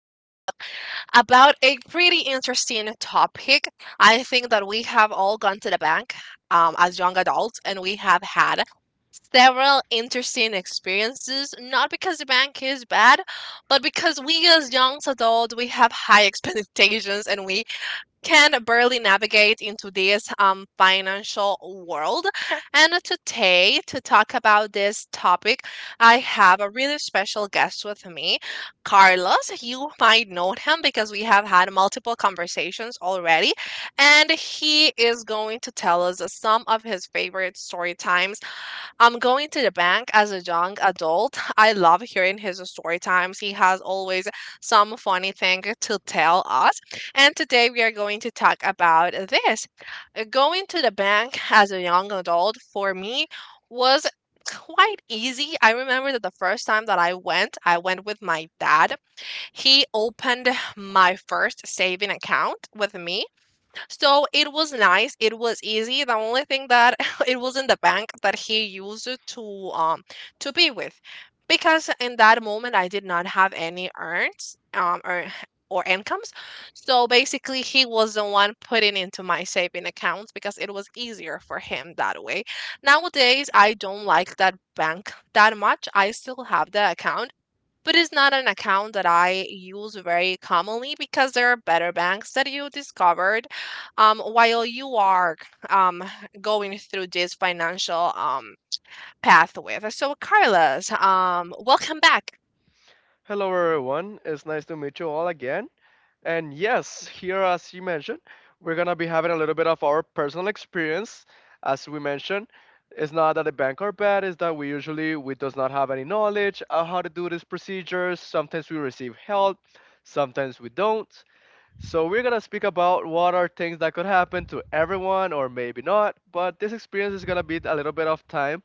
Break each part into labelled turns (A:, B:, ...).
A: about a pretty interesting topic. I think that we have all gone to the bank as young adults and we have had several interesting experiences, not because the bank is bad, but because we as young adults, we have high expectations and we can barely navigate into this financial world. And today, to talk about this topic, I have a really special guest with me, Carlos. You might know him because we have had multiple conversations already, and he is going to tell us some of his favorite story times going to the bank as a young adult. I love hearing his story times. He has always some funny thing to tell us. And today we are going to talk about this. Going to the bank as a young adult for me was quite easy. I remember that the first time that I went with my dad. He opened my first saving account with me, so it was nice. It was easy. The only thing that it was in the bank that he used to um to be with, because in that moment I did not have any earns or or incomes. So basically, he was the one putting into my saving accounts because it was easier for him that way. Nowadays, I don't like that bank that much. I still have the account, but it's not an account that I use very commonly because there are better banks that you discovered while you are um, going through this financial path with. So, Carlos, welcome back.
B: Hello, everyone. It's nice to meet you all again. And yes, here, as you mentioned, we're going to be having a little bit of our personal experience. As we mentioned, it's not that the bank are bad, it's that we usually we does not have any knowledge of how to do these procedures. Sometimes we receive help, sometimes we don't. So we're going to speak about what are things that could happen to everyone or maybe not. But this experience is going to be a little bit of time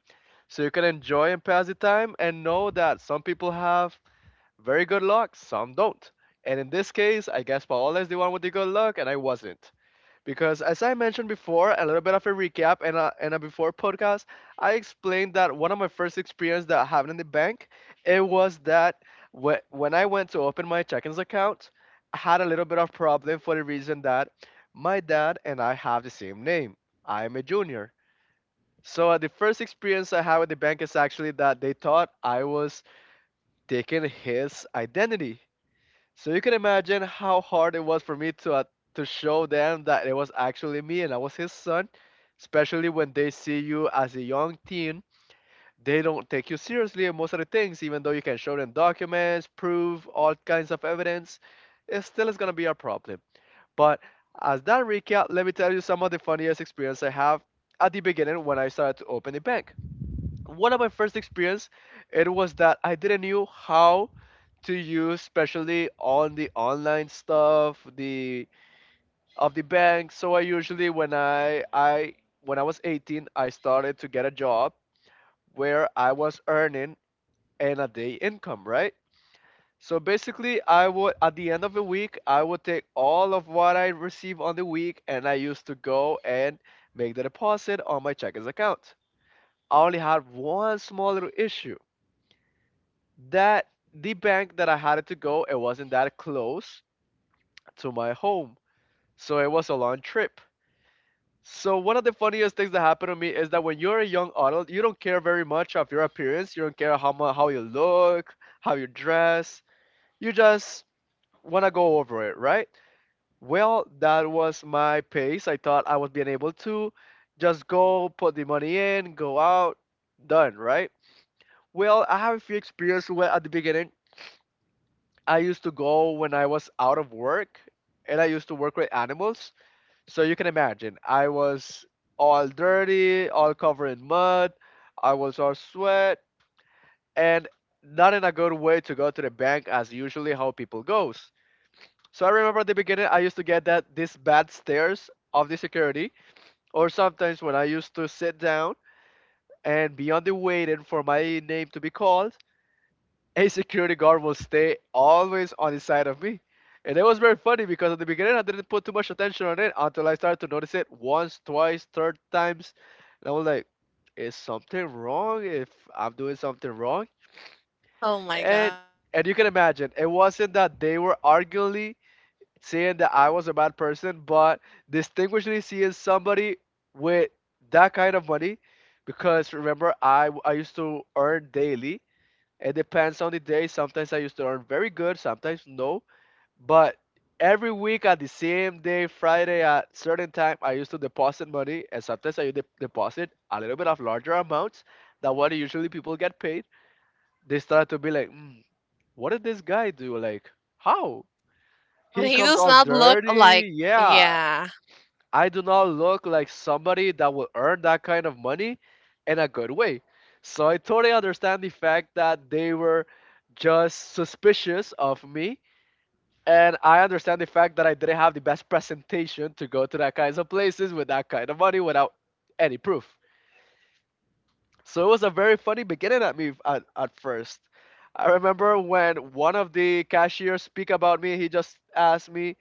B: so you can enjoy and pass the time and know that some people have very good luck, some don't. And in this case, I guess Paola is the one with the good luck, and I wasn't. Because as I mentioned before, a little bit of a recap and a before podcast, I explained that one of my first experiences that happened in the bank, it was that when I went to open my check-ins account, I had a little bit of problem for the reason that my dad and I have the same name. I'm a junior. So the first experience I had with the bank is actually that they thought I was taking his identity so you can imagine how hard it was for me to show them that it was actually me and I was his son. Especially when they see you as a young teen, they don't take you seriously in most of the things, even though you can show them documents, proof, all kinds of evidence. It still is gonna be a problem. But as that recap, let me tell you some of the funniest experience I have at the beginning when I started to open a bank, one of my first experience, it was that I didn't knew how to use, especially on the online stuff, the of the bank. So I usually when I when I was 18, I started to get a job where I was earning an a day income, right? So basically I would at the end of the week I would take all of what I receive on the week and I used to go and make the deposit on my checkers account. I only had one small little issue, that the bank that I had to go, it wasn't that close to my home. So it was a long trip. So one of the funniest things that happened to me is that when you're a young adult, you don't care very much of your appearance. You don't care how you look, how you dress. You just want to go over it, right? Well, that was my pace. I thought I was being able to just go put the money in, go out, done, right? Well, I have a few experiences where at the beginning I used to go when I was out of work and I used to work with animals. So you can imagine, I was all dirty, all covered in mud, I was all sweat, and not in a good way to go to the bank as usually how people goes. So I remember at the beginning I used to get that this bad stares of the security, or sometimes when I used to sit down and be on the waiting for my name to be called, a security guard will stay always on the side of me. And it was very funny because at the beginning I didn't put too much attention on it until I started to notice it once, twice, third times. And I was like, is something wrong, if I'm doing something wrong?
A: Oh my God.
B: And and you can imagine, it wasn't that they were arguably saying that I was a bad person, but distinguishingly seeing somebody with that kind of money, because remember I used to earn daily, it depends on the day. Sometimes I used to earn very good, sometimes no. But every week at the same day, Friday at certain time, I used to deposit money, and sometimes deposit a little bit of larger amounts than what usually people get paid. They started to be like, mm, "What did this guy do? Like, how?" He
A: He
B: comes
A: does
B: all
A: not look like,
B: dirty. Yeah,
A: yeah.
B: I do not look like somebody that will earn that kind of money in a good way. So I totally understand the fact that they were just suspicious of me. And I understand the fact that I didn't have the best presentation to go to that kinds of places with that kind of money without any proof. So it was a very funny beginning at me at first. I remember when one of the cashiers speak about me, he just asked me,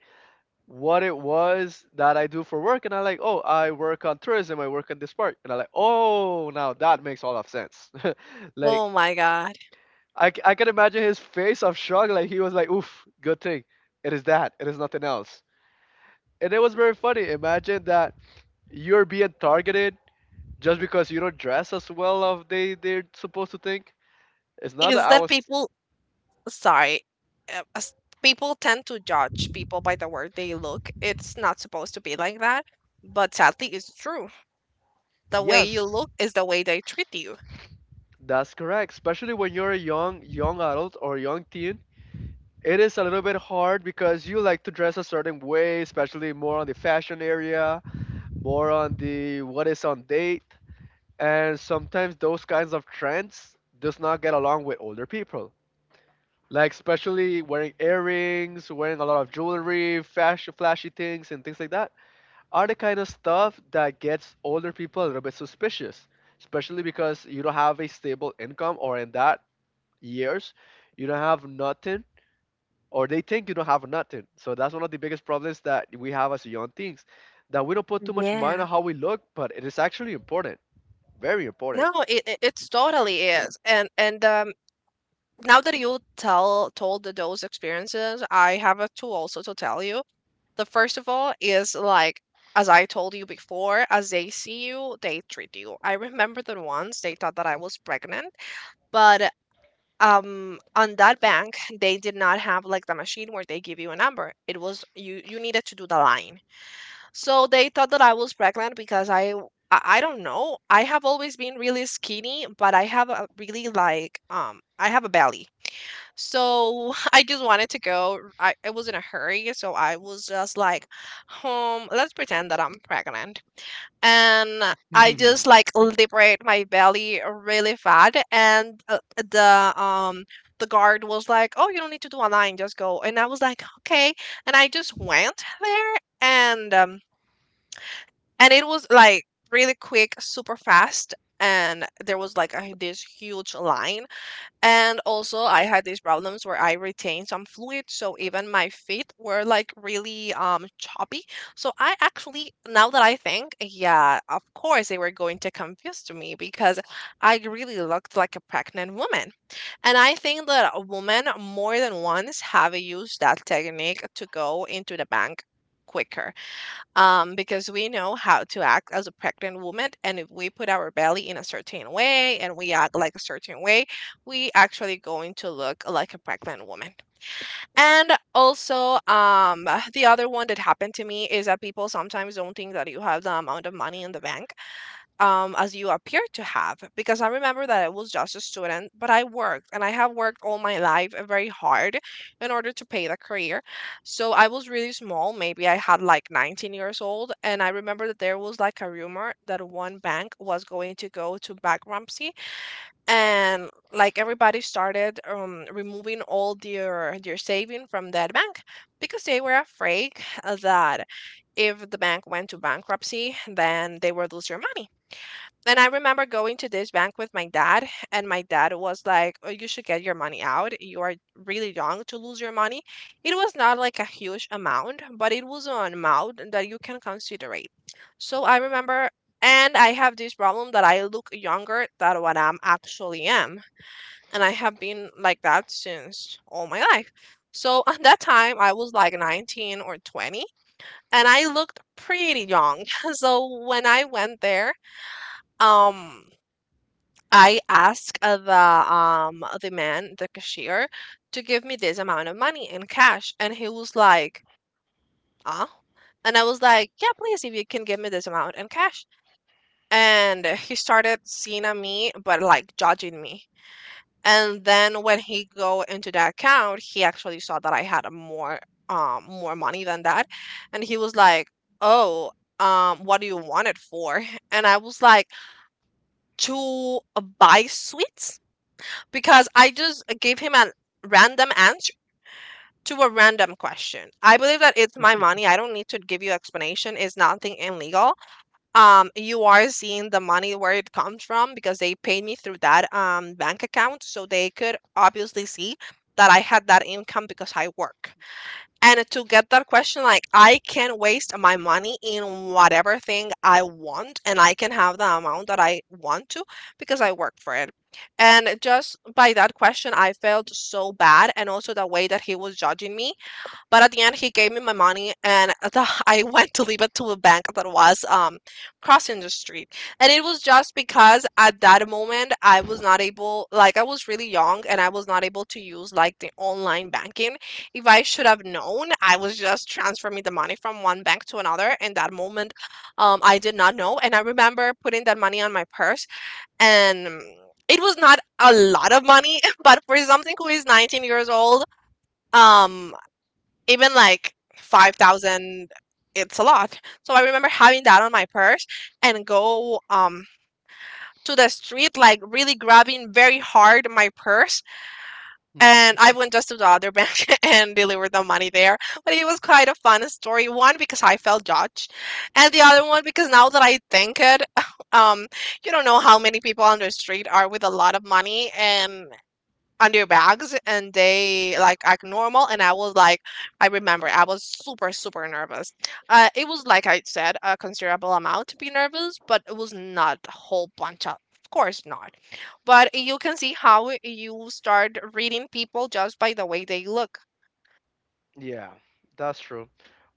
B: what it was that I do for work, and I like, oh, I work on tourism, I work on this part, and I like, oh, now that makes all of sense. like
A: Oh my God.
B: I, I can imagine his face of shock, like he was like, oof, good thing, it is that, it is nothing else, and it was very funny. Imagine that you're being targeted just because you don't dress as well of they're supposed to think. It's not that
A: Is
B: I
A: that
B: was,
A: people, sorry, uh, as- people tend to judge people by the way they look. It's not supposed to be like that, but sadly, it's true. The way you
B: yes,
A: look is the way they treat you.
B: that's correct, especially when you're a young adult or young teen, it is a little bit hard because you like to dress a certain way, especially more on the fashion area, more on the what is on date, and sometimes those kinds of trends does not get along with older people. Like especially wearing earrings, wearing a lot of jewelry, fashion, flashy things, and things like that are the kind of stuff that gets older people a little bit suspicious, especially because you don't have a stable income or in that years you don't have nothing, or they think you don't have nothing. So that's one of the biggest problems that we have as young teens, that we don't put too much mind
A: Yeah.
B: on how we look, but it is actually important, very important.
A: No, it's totally is. And now that you tell told the- those experiences, I have a two also to tell you. The first of all is like as I told you before, as they see you, they treat you. I remember that once they thought that I was pregnant, but on that bank they did not have like the machine where they give you a number. It was you needed to do the line. So they thought that I was pregnant because I don't know. I have always been really skinny, but I have a really I have a belly. So I just wanted to go. I was in a hurry, so I was just like, home, let's pretend that I'm pregnant. And I just like liberate my belly really fat and the guard was like, "Oh, you don't need to do a line, just go." And I was like, "Okay." And I just went there and um and it was like really quick, super fast, and there was like a this huge line, and also I had these problems where I retained some fluid, so even my feet were like really, choppy. So I actually now that I think, yeah, of course they were going to confuse to me because I really looked like a pregnant woman. And I think that a woman more than once have used that technique to go into the bank quicker, because we know how to act as a pregnant woman. And if we put our belly in a certain way and we act like a certain way, we actually going to look like a pregnant woman. And also, the other one that happened to me is that people sometimes don't think that you have the amount of money in the bank, as you appear to have, because I remember that I was just a student, but I worked and I have worked all my life very hard in order to pay the career. So I was really small. Maybe I had like 19 years old. And I remember that there was like a rumor that one bank was going to go to bankruptcy and like everybody started removing all their saving from that bank because they were afraid that if the bank went to bankruptcy, then they would lose their money. And I remember going to this bank with my dad, and my dad was like, "Oh, you should get your money out. You are really young to lose your money." It was not like a huge amount, but it was an amount that you can consider it. So I remember, and I have this problem that I look younger than what I'm actually am, and I have been like that since all my life. So at that time, I was like 19 or 20, and I looked pretty young. So when I went there, um I asked the man, the cashier, to give me this amount of money in cash, and he was like, "Huh?" And I was like, "Yeah, please, if you can give me this amount in cash." And he started seeing at me, but like judging me. And then when he go into the account, he actually saw that I had more money than that, and he was like, "Oh. What do you want it for?" And I was like, to buy sweets, because I just gave him a random answer to a random question. I believe that it's my money. I don't need to give you explanation. It's nothing illegal. You are seeing the money where it comes from because they paid me through that bank account, so they could obviously see that I had that income because I work. And to get that question, like, I can waste my money in whatever thing I want, and I can have the amount that I want to because I work for it. And just by that question, I felt so bad. And also the way that he was judging me, but at the end, he gave me my money, and at the, I went to leave it to a bank that was crossing the street. And it was just because at that moment I was not able, like I was really young, and I was not able to use like the online banking. If I should have known, I was just transferring the money from one bank to another. In that moment, I did not know, and I remember putting that money on my purse and. It was not a lot of money, but for something who is 19 years old, um even like 5,000, it's a lot. So I remember having that on my purse and go to the street, like really grabbing very hard my purse, and I went just to the other bank and delivered the money there. But it was quite a fun story, one because I felt judged, and the other one because now that I think it, um you don't know how many people on the street are with a lot of money and under bags, and they like act normal. And I was like, I remember I was super super nervous. It was like, I said a considerable amount to be nervous, but it was not a whole bunch of course not. But you can see how you start reading people just by the way they look.
B: Yeah, that's true.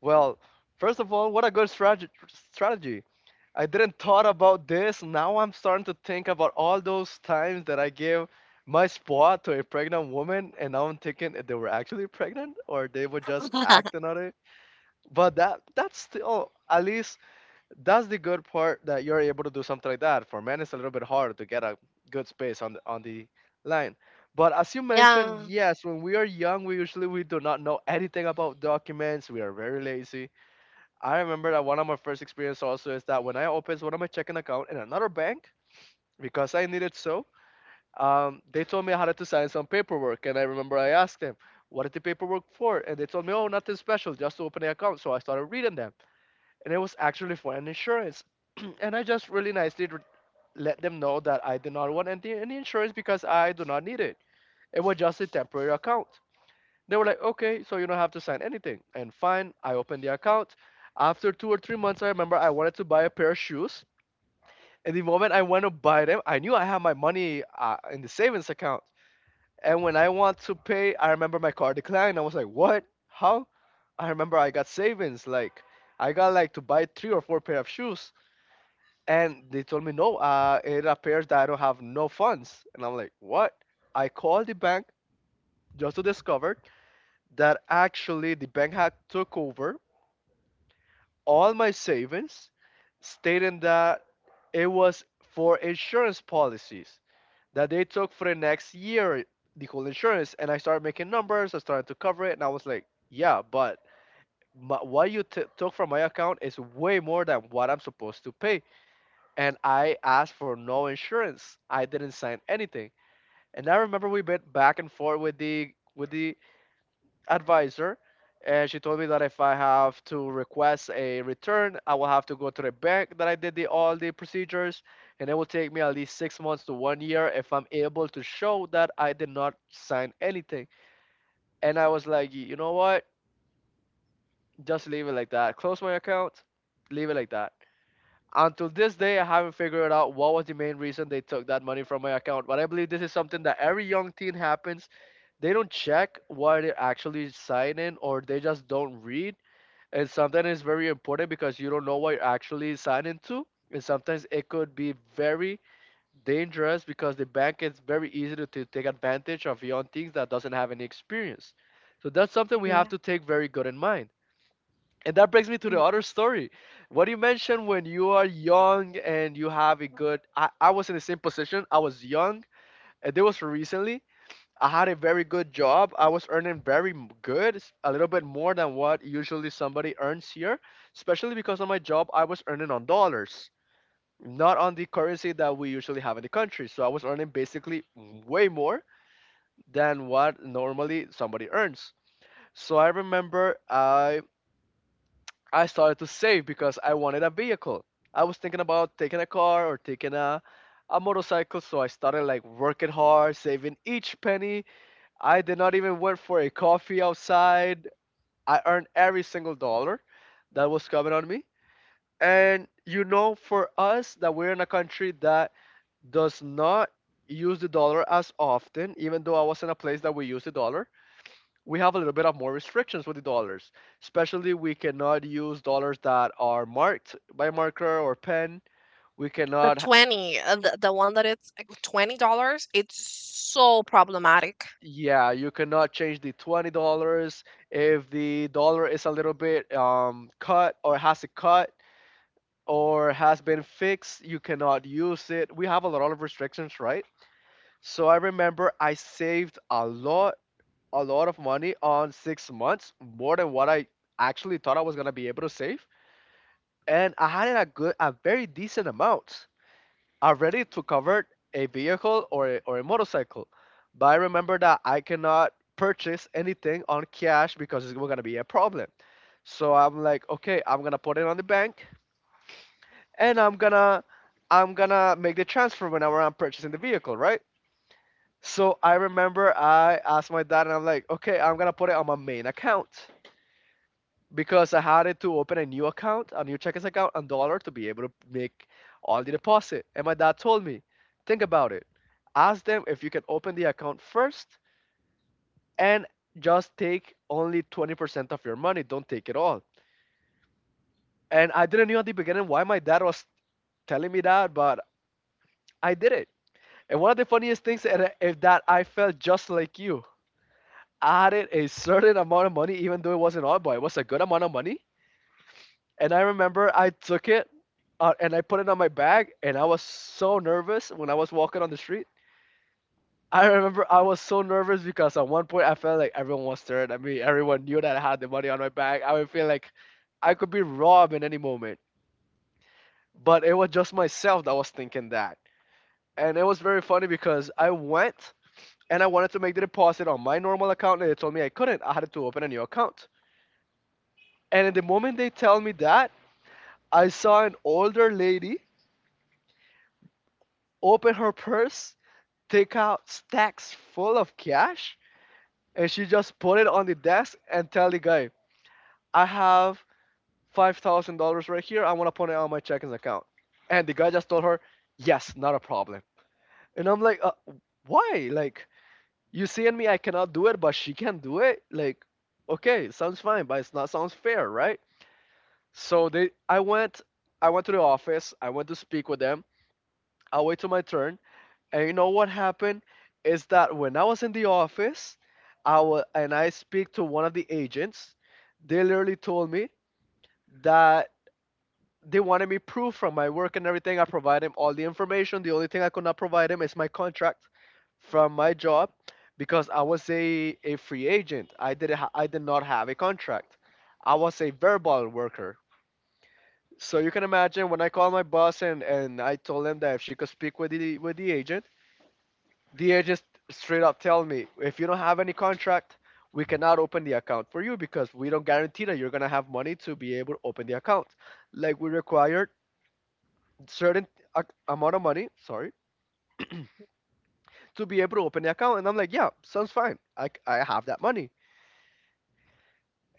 B: Well, first of all, what a strategy. I didn't thought about this. Now I'm starting to think about all those times that I gave my spot to a pregnant woman, and now I'm thinking if they were actually pregnant or they were just acting on it. But that's still at least that's the good part that you're able to do something like that. For men, it's a little bit harder to get a good space on the line. But as you mentioned,
A: Yeah.
B: yes, when we are young, we usually we do not know anything about documents. We are very lazy. I remember that one of my first experience also is that when I opened one of my checking account in another bank because I needed so, they told me I had to sign some paperwork, and I remember I asked them, "What is the paperwork for?" And they told me, "Oh, nothing special, just to open the account." So I started reading them and it was actually for an insurance. And I just really nicely let them know that I did not want any insurance because I do not need it. It was just a temporary account. They were like, okay, so you don't have to sign anything. And fine, I opened the account. After 2 or 3 months, I remember I wanted to buy a pair of shoes. And the moment I went to buy them, I knew I had my money in the savings account. And when I want to pay, I remember my card declined. I was like, what? How? I remember I got savings. Like, I got like to buy three or four pair of shoes. And they told me, no, it appears that I don't have no funds. And I'm like, what? I called the bank just to discover that actually the bank had took over all my savings, stating that it was for insurance policies that they took for the next year, the whole insurance. And I started making numbers, I started to cover it, and I was like, yeah, but my, what you took from my account is way more than what I'm supposed to pay. And I asked for no insurance. I didn't sign anything. And I remember we went back and forth with the advisor, and she told me that if I have to request a return, I will have to go to the bank that I did the all the procedures, and it will take me at least 6 months to one year if I'm able to show that I did not sign anything. And I was like, you know what? Just leave it like that. Close my account, leave it like that. Until this day, I haven't figured out what was the main reason they took that money from my account. But I believe this is something that every young teen happens. They don't check what they actually sign in, or they just don't read. And sometimes it's very important because you don't know what you're actually signing to. And sometimes it could be very dangerous because the bank is very easy to take advantage of young teens that doesn't have any experience. So that's something we have to take very good in mind. And that brings me to the
A: n-
B: other story. What you mentioned when you are young and you have a good I was in the same position. I was young and this was recently. I had a very good job. I was earning very good, a little bit more than what usually somebody earns here, especially because on my job I was earning on dollars, not on the currency that we usually have in the country. So I was earning basically way more than what normally somebody earns. So I remember I started to save because I wanted a vehicle. I was thinking about taking a car or taking a motorcycle, so I started like working hard, saving each penny. I did not even went for a coffee outside. I earned every single dollar that was coming on me. And you know, for us that we're in a country that does not use the dollar as often, even though I was in a place that we use the dollar, we have a little bit of more restrictions with the dollars. Especially, we cannot use dollars that are marked by marker or pen. We
A: the
B: cannot,
A: 20, the one that it's like $20, it's so problematic
B: yeah, you cannot change the $20 if the dollar is a little bit cut or has a cut or has been fixed. You cannot use it. We have a lot of restrictions, right? So I remember I saved a lot of money on 6 months, more than what I actually thought I was gonna be able to save, and I had a good, a very decent amount already to cover a vehicle or or a motorcycle. But I remember that I cannot purchase anything on cash because it's gonna be a problem. So I'm like, okay, I'm gonna put it on the bank, and I'm gonna make the transfer whenever I'm purchasing the vehicle, right? So I remember I asked my dad, and I'm like, okay, I'm gonna put it on my main account, because I had it to open a new account, a new checkers account, and dollar to be able to make all the deposit. And my dad told me, think about it. Ask them if you can open the account first and just take only 20% of your money. Don't take it all. And I didn't know at the beginning why my dad was telling me that, but I did it. And one of the funniest things is that I felt just like you. I added a certain amount of money, even though it wasn't all, but it was a good amount of money. And I remember I took it and I put it on my bag, and I was so nervous when I was walking on the street. I remember I was so nervous because at one point I felt like everyone was staring at me. Everyone knew that I had the money on my bag. I would feel like I could be robbed in any moment. But it was just myself that was thinking that. And it was very funny because I went and I wanted to make the deposit on my normal account, and they told me I couldn't. I had to open a new account. And in the moment they tell me that, I saw an older lady open her purse, take out stacks full of cash, and she just put it on the desk and tell the guy, I have $5,000 right here. I want to put it on my checking account. And the guy just told her, yes, not a problem. And I'm like, why? Like, you seeing me, I cannot do it, but she can do it. Like, okay, sounds fine, but it's not sounds fair, right? So I went to the office. I went to speak with them. I wait till my turn. And you know what happened is that when I was in the office, and I speak to one of the agents, they literally told me that they wanted me proof from my work and everything. I provided them all the information. The only thing I could not provide them is my contract from my job because I was a free agent. I did not have a contract. I was a verbal worker. So you can imagine when I called my boss, and I told him that if she could speak with the agent. The agent straight up tell me, if you don't have any contract, we cannot open the account for you because we don't guarantee that you're gonna have money to be able to open the account. Like we required certain amount of money, sorry, to be able to open the account. And I'm like, yeah, sounds fine. I have that money.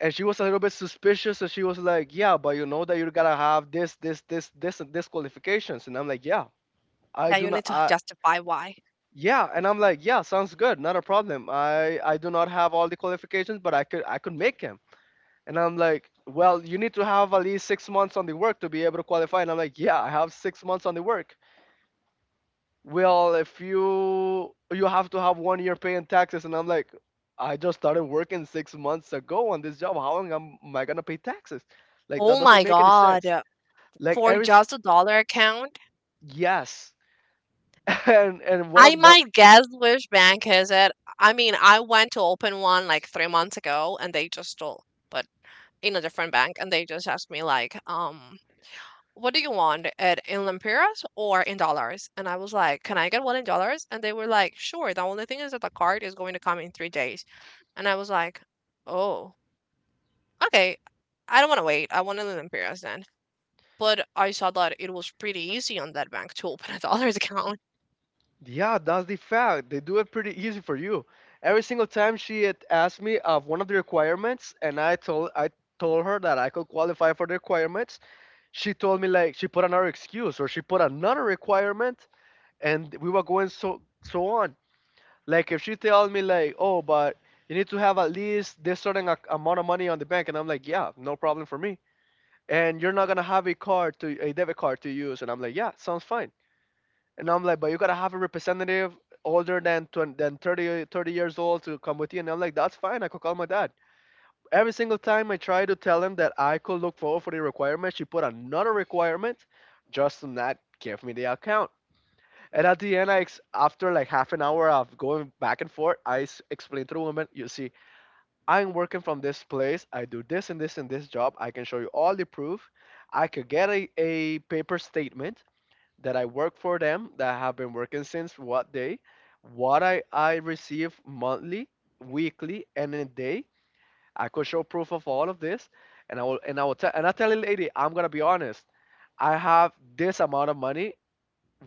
B: And she was a little bit suspicious, and she was like, yeah, but you know that you got to have this, this, this, this, and this qualifications. And I'm like, yeah, I
A: that
B: do
A: you
B: not.
A: need to justify why.
B: Yeah, and I'm like, yeah, sounds good, not a problem. I do not have all the qualifications, but I could make them. And I'm like, well, you need to have at least 6 months on the work to be able to qualify. And I'm like, yeah, I have 6 months on the work. Well, if you have to have 1 year paying taxes, and I'm like, I just started working 6 months ago on this job. How am I gonna pay taxes? Like that
A: Oh
B: doesn't
A: my
B: make any
A: God.
B: sense. Like
A: For
B: Eris,
A: just a dollar account.
B: yes. And what
A: I
B: about?
A: might guess which bank is it. I mean, I went to open one like 3 months ago, and they just told, but in a different bank, and they just asked me like, what do you want it in lempiras or in dollars? And I was like, can I get one in dollars? And they were like, sure. The only thing is that the card is going to come in 3 days, and I was like, oh, okay. I don't want to wait. I want it in lempiras then. But I saw that it was pretty easy on that bank to open a dollars account.
B: Yeah, that's the fact. They do it pretty easy for you. Every single time she had asked me of one of the requirements, and I told her that I could qualify for the requirements. She told me like she put another excuse or she put another requirement, and we were going so on. Like if she told me like, oh, but you need to have at least this certain amount of money on the bank, and I'm like, yeah, no problem for me. And you're not gonna have a debit card to use, and I'm like, yeah, sounds fine. And I'm like, but you gotta have a representative older than 20, than 30, years old to come with you. And I'm like, that's fine. I could call my dad. Every single time I try to tell him that I could look forward for the requirement, she put another requirement just to not give me the account. And at the end, after like half an hour of going back and forth, explained to the woman, you see, I'm working from this place. I do this and this and this job. I can show you all the proof. I could get a paper statement that I work for them, that I have been working since what day, what I receive monthly, weekly, and in a day. I could show proof of all of this, and I tell the lady, I'm gonna be honest. I have this amount of money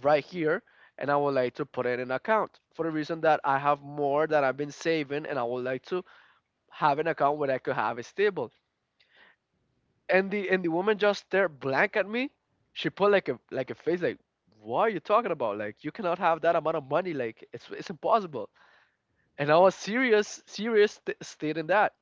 B: right here, and I would like to put it in an account for the reason that I have more that I've been saving, and I would like to have an account where I could have it stable, and the woman just stared blank at me. She put like a face like, "What are you talking about? Like you cannot have that amount of money. Like it's impossible." And I was serious serious stating that.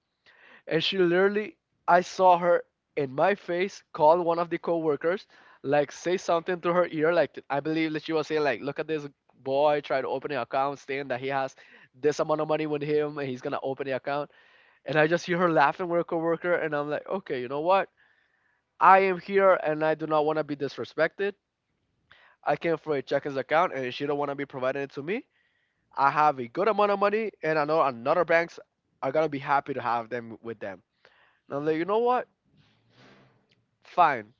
B: And she literally, I saw her in my face call one of the coworkers, like say something to her ear. Like I believe that she was saying like, "Look at this boy trying to open an account, saying that he has this amount of money with him and he's gonna open the account." And I just hear her laughing with her coworker, and I'm like, "Okay, you know what? I am here and I do not want to be disrespected. I came for a checkings account and she don't want to be providing it to me." I have a good amount of money and I know another banks are gonna be happy to have them with them. And I'm like, you know what? Fine.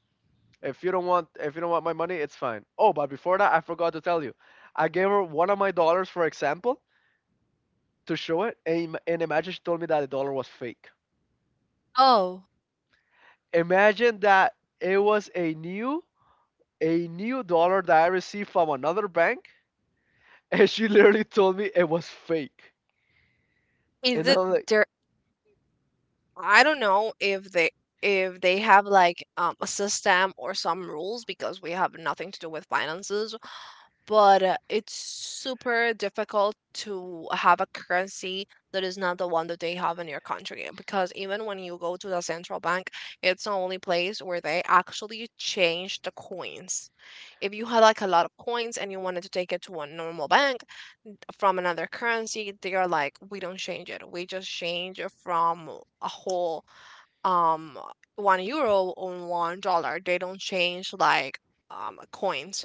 B: If you don't want my money, it's fine. Oh, but before that I forgot to tell you. I gave her one of my dollars, for example, to show it, and imagine she told me that the dollar was fake.
A: Oh,
B: Imagine that it was a new dollar that I received from another bank. And she literally told me it was fake.
A: is
B: And
A: it
B: I'm like,
A: there. I don't know if they, have like a system or some rules, because we have nothing to do with finances, but it's super difficult to have a currency that is not the one that they have in your country, because even when you go to the central bank, it's the only place where they actually change the coins. If you had like a lot of coins and you wanted to take it to a normal bank, from another currency, they are like, we don't change it. We just change it from a whole um €1 on $1. They don't change like coins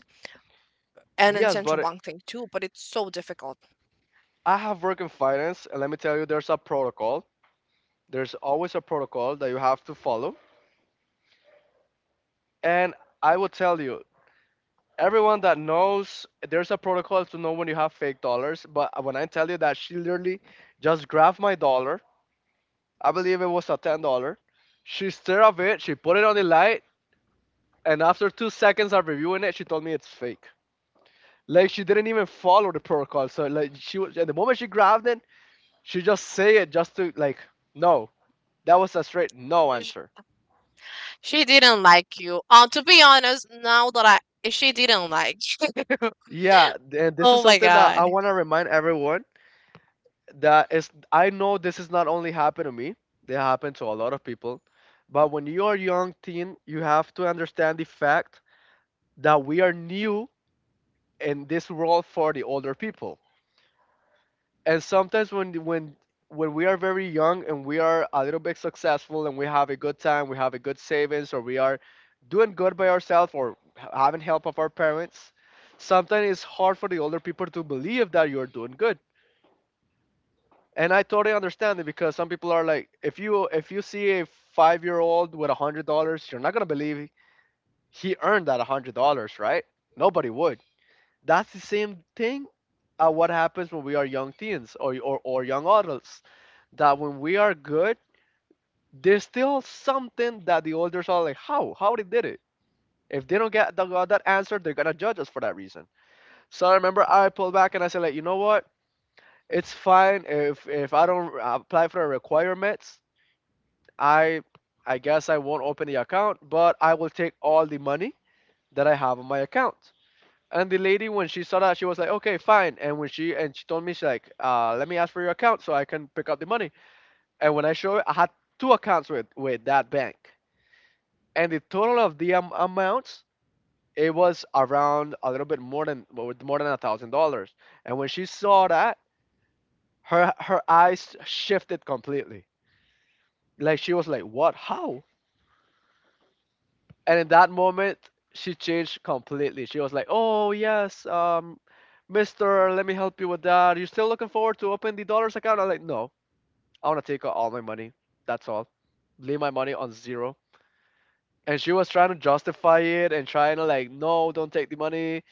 A: and in
B: yes,
A: central
B: but
A: bank thing too, but it's so difficult.
B: I have worked in finance, and let me tell you, there's a protocol. There's always a protocol that you have to follow. And I will tell you, everyone that knows, there's a protocol to know when you have fake dollars. But when I tell you that she literally just grabbed my dollar, I believe it was a $10. She stared at it, she put it on the light, and after 2 seconds of reviewing it, she told me it's fake. Like she didn't even follow the protocol. So like she was, at the moment she grabbed it, she just say it just to like, no. That was a straight no
A: Sh-
B: answer.
A: she didn't like you, to be honest. Now that I she didn't like you.
B: Yeah, and this is
A: Oh my
B: something that
A: god.
B: I want to remind everyone, that is, I know this is not only happened to me, they happen to a lot of people. But when you are young teen, you have to understand the fact that we are new in this world for the older people. And sometimes when we are very young and we are a little bit successful and we have a good time, we have a good savings, or we are doing good by ourselves or having help of our parents, sometimes it's hard for the older people to believe that you're doing good. And I totally understand it because some people are like, if you see a 5 year old with $100, you're not gonna believe he earned that $100, right? Nobody would. That's the same thing what happens when we are young teens or young adults, that when we are good, there's still something that the elders are like, how? How they did it? If they don't got that answer, they're gonna judge us for that reason. So I remember I pulled back and I said, like, you know what? It's fine if I don't apply for the requirements. I I guess I won't open the account, but I will take all the money that I have on my account. And the lady, when she saw that, she was like, okay, fine. And when she and she told me, she's like, let me ask for your account so I can pick up the money. And when I showed it, I had two accounts with that bank. And the total of the amounts, it was around a little bit more than, well, with more than $1,000. And when she saw that, her eyes shifted completely. Like she was like, what? How? And in that moment, she changed completely. She was like, oh, yes, mister, let me help you with that. Are you still looking forward to open the dollars account? I'm like, no, I want to take out all my money. That's all. Leave my money on zero. And she was trying to justify it and trying to like, no, don't take the money,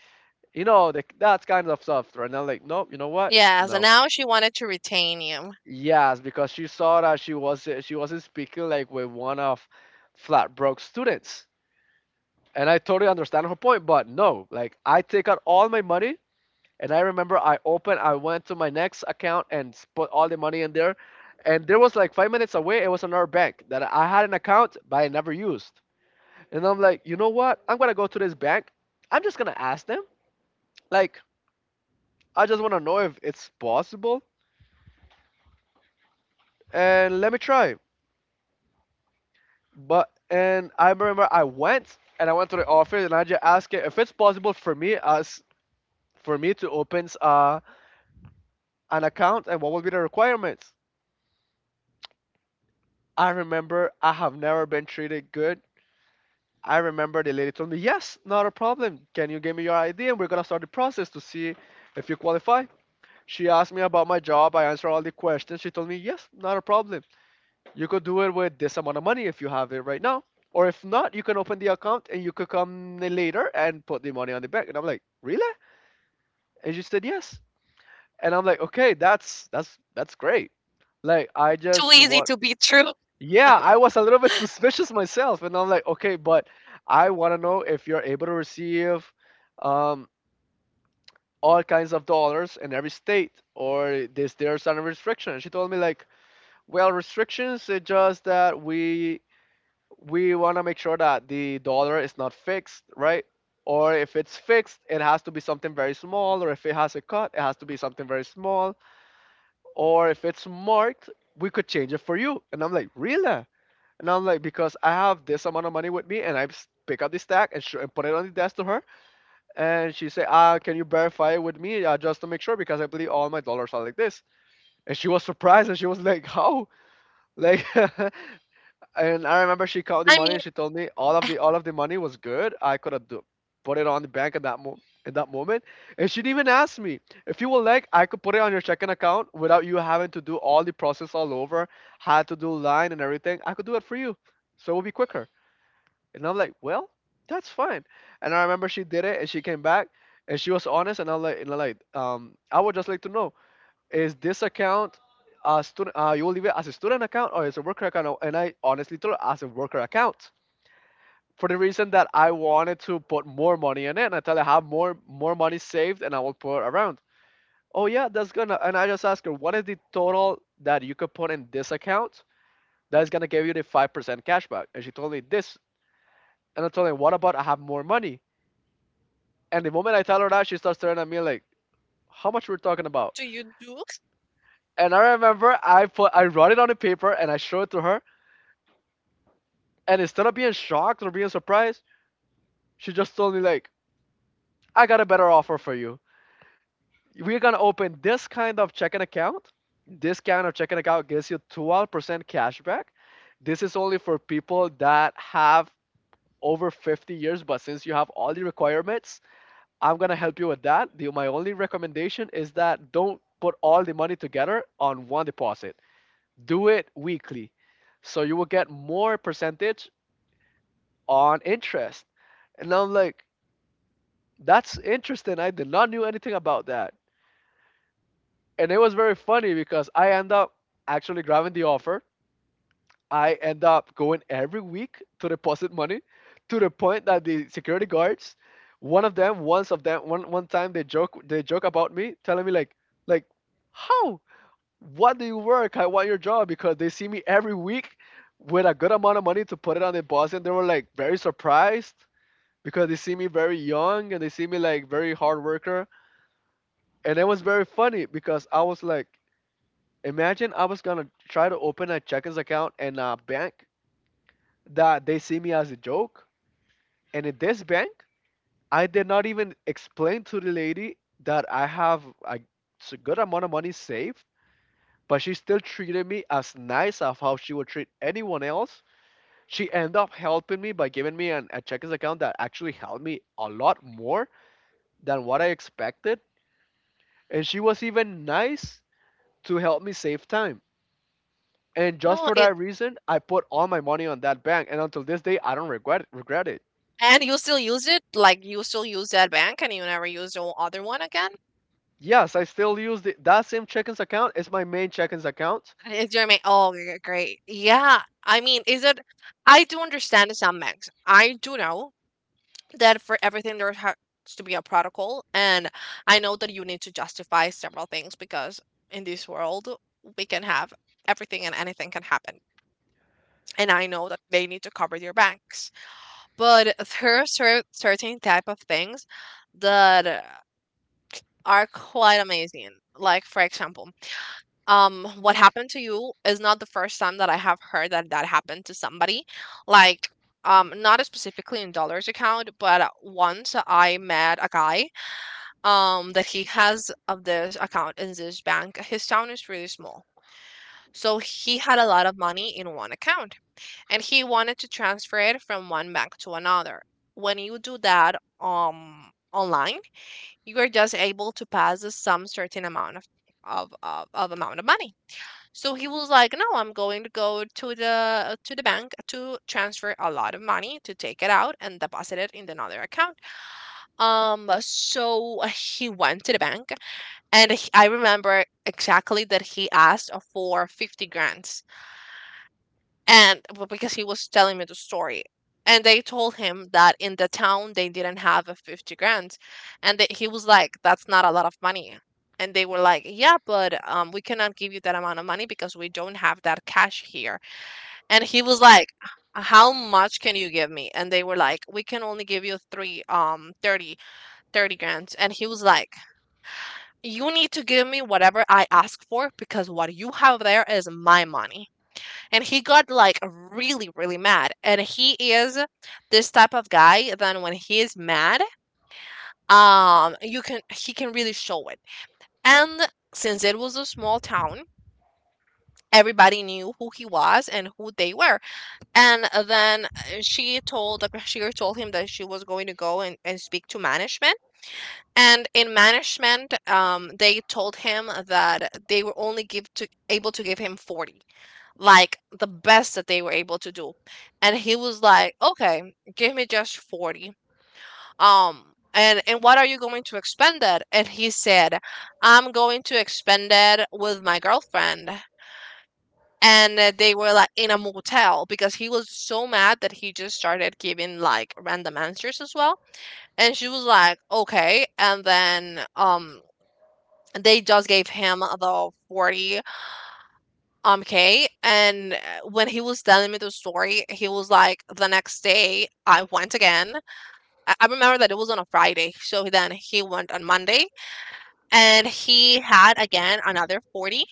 B: the, that's kind of soft, right? And I'm like, nope, you know what?
A: Yeah, so
B: No.
A: now she wanted to retain you.
B: Yes, because she saw that she wasn't speaking like with one of Flatbrook's students, and I totally understand her point. But no, like, I take out all my money, and I remember I opened, I went to my next account and put all the money in there, and there was like 5 minutes away, it was another bank that I had an account but I never used, and I'm like, you know what? I'm gonna go to this bank. I'm just gonna ask them. Like, I just wanna know if it's possible, and let me try. But, and I remember I went, to the office, and I just asked it if it's possible for me to open an account and what would be the requirements. I remember I have never been treated good. I remember the lady told me, "Yes, not a problem. Can you give me your ID and we're gonna start the process to see if you qualify." She asked me about my job. I answered all the questions. She told me, "Yes, not a problem. You could do it with this amount of money if you have it right now. Or if not, you can open the account and you could come later and put the money on the bank." And I'm like, really? And she said yes. And I'm like, okay, that's great. Like, I
A: Too
B: just
A: easy
B: want,
A: to be true.
B: yeah, I was a little bit suspicious myself. And I'm like, okay, but I wanna know if you're able to receive um all kinds of dollars in every state, or is there some restriction? And she told me like, well, restrictions, it's just that we want to make sure that the dollar is not fixed, right? Or if it's fixed, it has to be something very small. Or if it has a cut, it has to be something very small. Or if it's marked, we could change it for you. And I'm like, really? And I'm like, because I have this amount of money with me, and I pick up the stack and, and put it on the desk to her. And she said, ah, can you verify it with me just to make sure? Because I believe all my dollars are like this. And she was surprised and she was like, how? Like, and I remember she counted the
A: I
B: money
A: mean.
B: and she told me all of the all of the money was good. I could have do, put it on the bank at that in that moment. And she didn't even ask me if you would like. I could put it on your checking account without you having to do all the process all over. Had to do line and everything. I could do it for you, so it would be quicker. And I'm like, well, that's fine. And I remember she did it and she came back and she was honest. And I'm like, I would just like to know, is this account a student? You will leave it as a student account or as a worker account? And I honestly told her as a worker account, for the reason that I wanted to put more money in it. And I tell her I have more money saved and I will put around. Oh yeah, that's gonna. And I just ask her, what is the total that you could put in this account that is gonna give you the 5% cashback. And she told me this. And I told her, what about I have more money. And the moment I tell her that, she starts staring at me like, how much we're talking about.
A: do you do
B: And I remember I wrote it on the paper and I showed it to her. And instead of being shocked or being surprised, she just told me like, "I got a better offer for you. We're gonna open this kind of checking account. This kind of checking account gives you 12% back. This is only for people that have over 50 years, but since you have all the requirements, I'm gonna help you with that. The, my only recommendation is that don't put all the money together on one deposit. Do it weekly, so you will get more percentage on interest." And I'm like, that's interesting. I did not knew anything about that. And it was very funny because I end up actually grabbing the offer. I end up going every week to deposit money, to the point that the security guards, one of them, once of them, one one time they joke about me, telling me like, how? What do you work? I want your job, because they see me every week with a good amount of money to put it on deposit. And they were like very surprised because they see me very young and they see me like very hard worker. And it was very funny because I was like, imagine I was gonna try to open a checkings account in a bank that they see me as a joke. And in this bank, I did not even explain to the lady that I have a good amount of money saved, but she still treated me as nice of how she would treat anyone else. She ended up helping me by giving me a checkings account that actually helped me a lot more than what I expected. And she was even nice to help me save time. And just
A: No,
B: for
A: it.
B: that reason, I put all my money on that bank, and until this day, I don't regret it.
A: And you still use it? Like, you still use that bank and you never use the other one again?
B: Yes, I still use that same check-ins account. It's my main check-ins account.
A: It's your main. Oh, great. Yeah. I mean, is it? I do understand some banks. I do know that for everything there has to be a protocol, and I know that you need to justify several things because in this world we can have everything, and anything can happen. And I know that they need to cover your banks, but there are certain type of things that are quite amazing. Like, for example, what happened to you is not the first time that I have heard that that happened to somebody. Like, not specifically in dollars account, but once I met a guy, that he has of this account in this bank. His town is really small, so he had a lot of money in one account, and he wanted to transfer it from one bank to another. When you do that online, you are just able to pass some certain amount of of amount of money. So he was like, "No, I'm going to go to the bank to transfer a lot of money, to take it out and deposit it in another account." So he went to the bank, and I remember exactly that he asked for fifty grand, and because he was telling me the story. And they told him that in the town they didn't have a 50 grand. And that he was like, that's not a lot of money. And they were like, yeah, but we cannot give you that amount of money because we don't have that cash here. And he was like, "How much can you give me?" And they were like, "We can only give you three, 30, 30 And he was like, "You need to give me whatever I ask for, because what you have there is my money." And he got like really, really mad. And he is this type of guy. Then when he is mad, you can, he can really show it. And since it was a small town, everybody knew who he was and who they were. And then she told, the cashier told him that she was going to go and speak to management. And in management, they told him that they were only give to able to give him 40, like the best that they were able to do. And he was like, okay, give me just 40. And what are you going to expend it? And he said, I'm going to expend it with my girlfriend. And they were like in a motel, because he was so mad that he just started giving like random answers as well. And she was like, okay. And then they just gave him the 40 k. And when he was telling me the story he was like, the next day I went again. I remember that it was on a Friday, so then he went on Monday, and he had again another 40.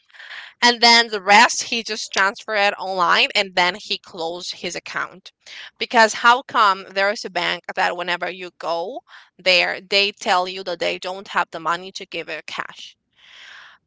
A: And then the rest, he just transferred it online, and then he closed his account. Because how come there is a bank that whenever you go there, they tell you that they don't have the money to give you cash?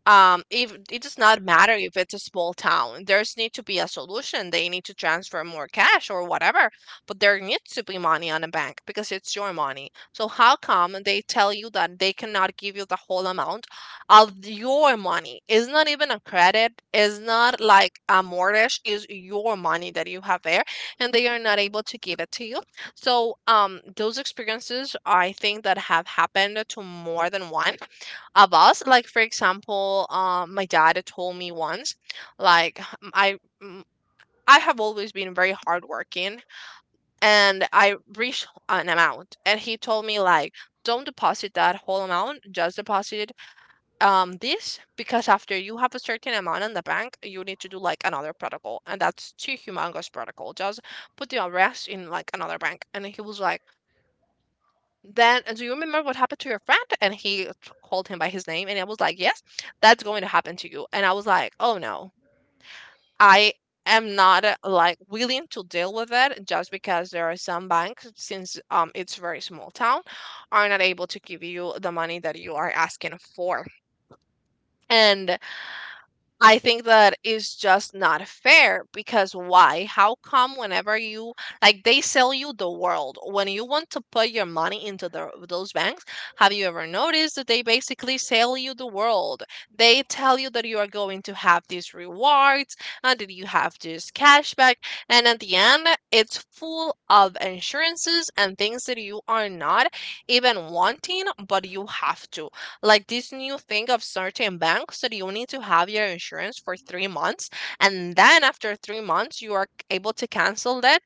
A: If it does not matter if it's a small town, there's need to be a solution. They need to transfer more cash or whatever, but there needs to be money on the bank because it's your money. So how come they tell you that they cannot give you the whole amount of your money? It's not even a credit, it's not like a mortgage, is your money that you have there, and they are not able to give it to you. So those experiences, I think that have happened to more than one. About, like, for example, my dad told me once, like, mm, I have always been very hardworking, and I reached an amount, and he told me like, don't deposit that whole amount, just deposit this, because after you have a certain amount in the bank, you need to do like another protocol, and that's two humongous protocol. Just put the rest in like another bank. And he was like then, "Do you remember what happened to your friend?" And he t called him by his name, and I was like, "Yes, that's going to happen to you." And I was like, "Oh, no. I am not, like, willing to deal with it just because there are some banks, since, it's very small town, are not able to give you the money that you are asking for." And I think that is just not fair, because why? How come whenever you, like, they sell you the world when you want to put your money into the, those banks? Have you ever noticed that they basically sell you the world? They tell you that you are going to have these rewards and that you have this cashback, and at the end, it's full of insurances and things that you are not even wanting, but you have to, like this new thing of certain banks that you need to have your insurance for 3 months, and then after 3 months you are able to cancel that.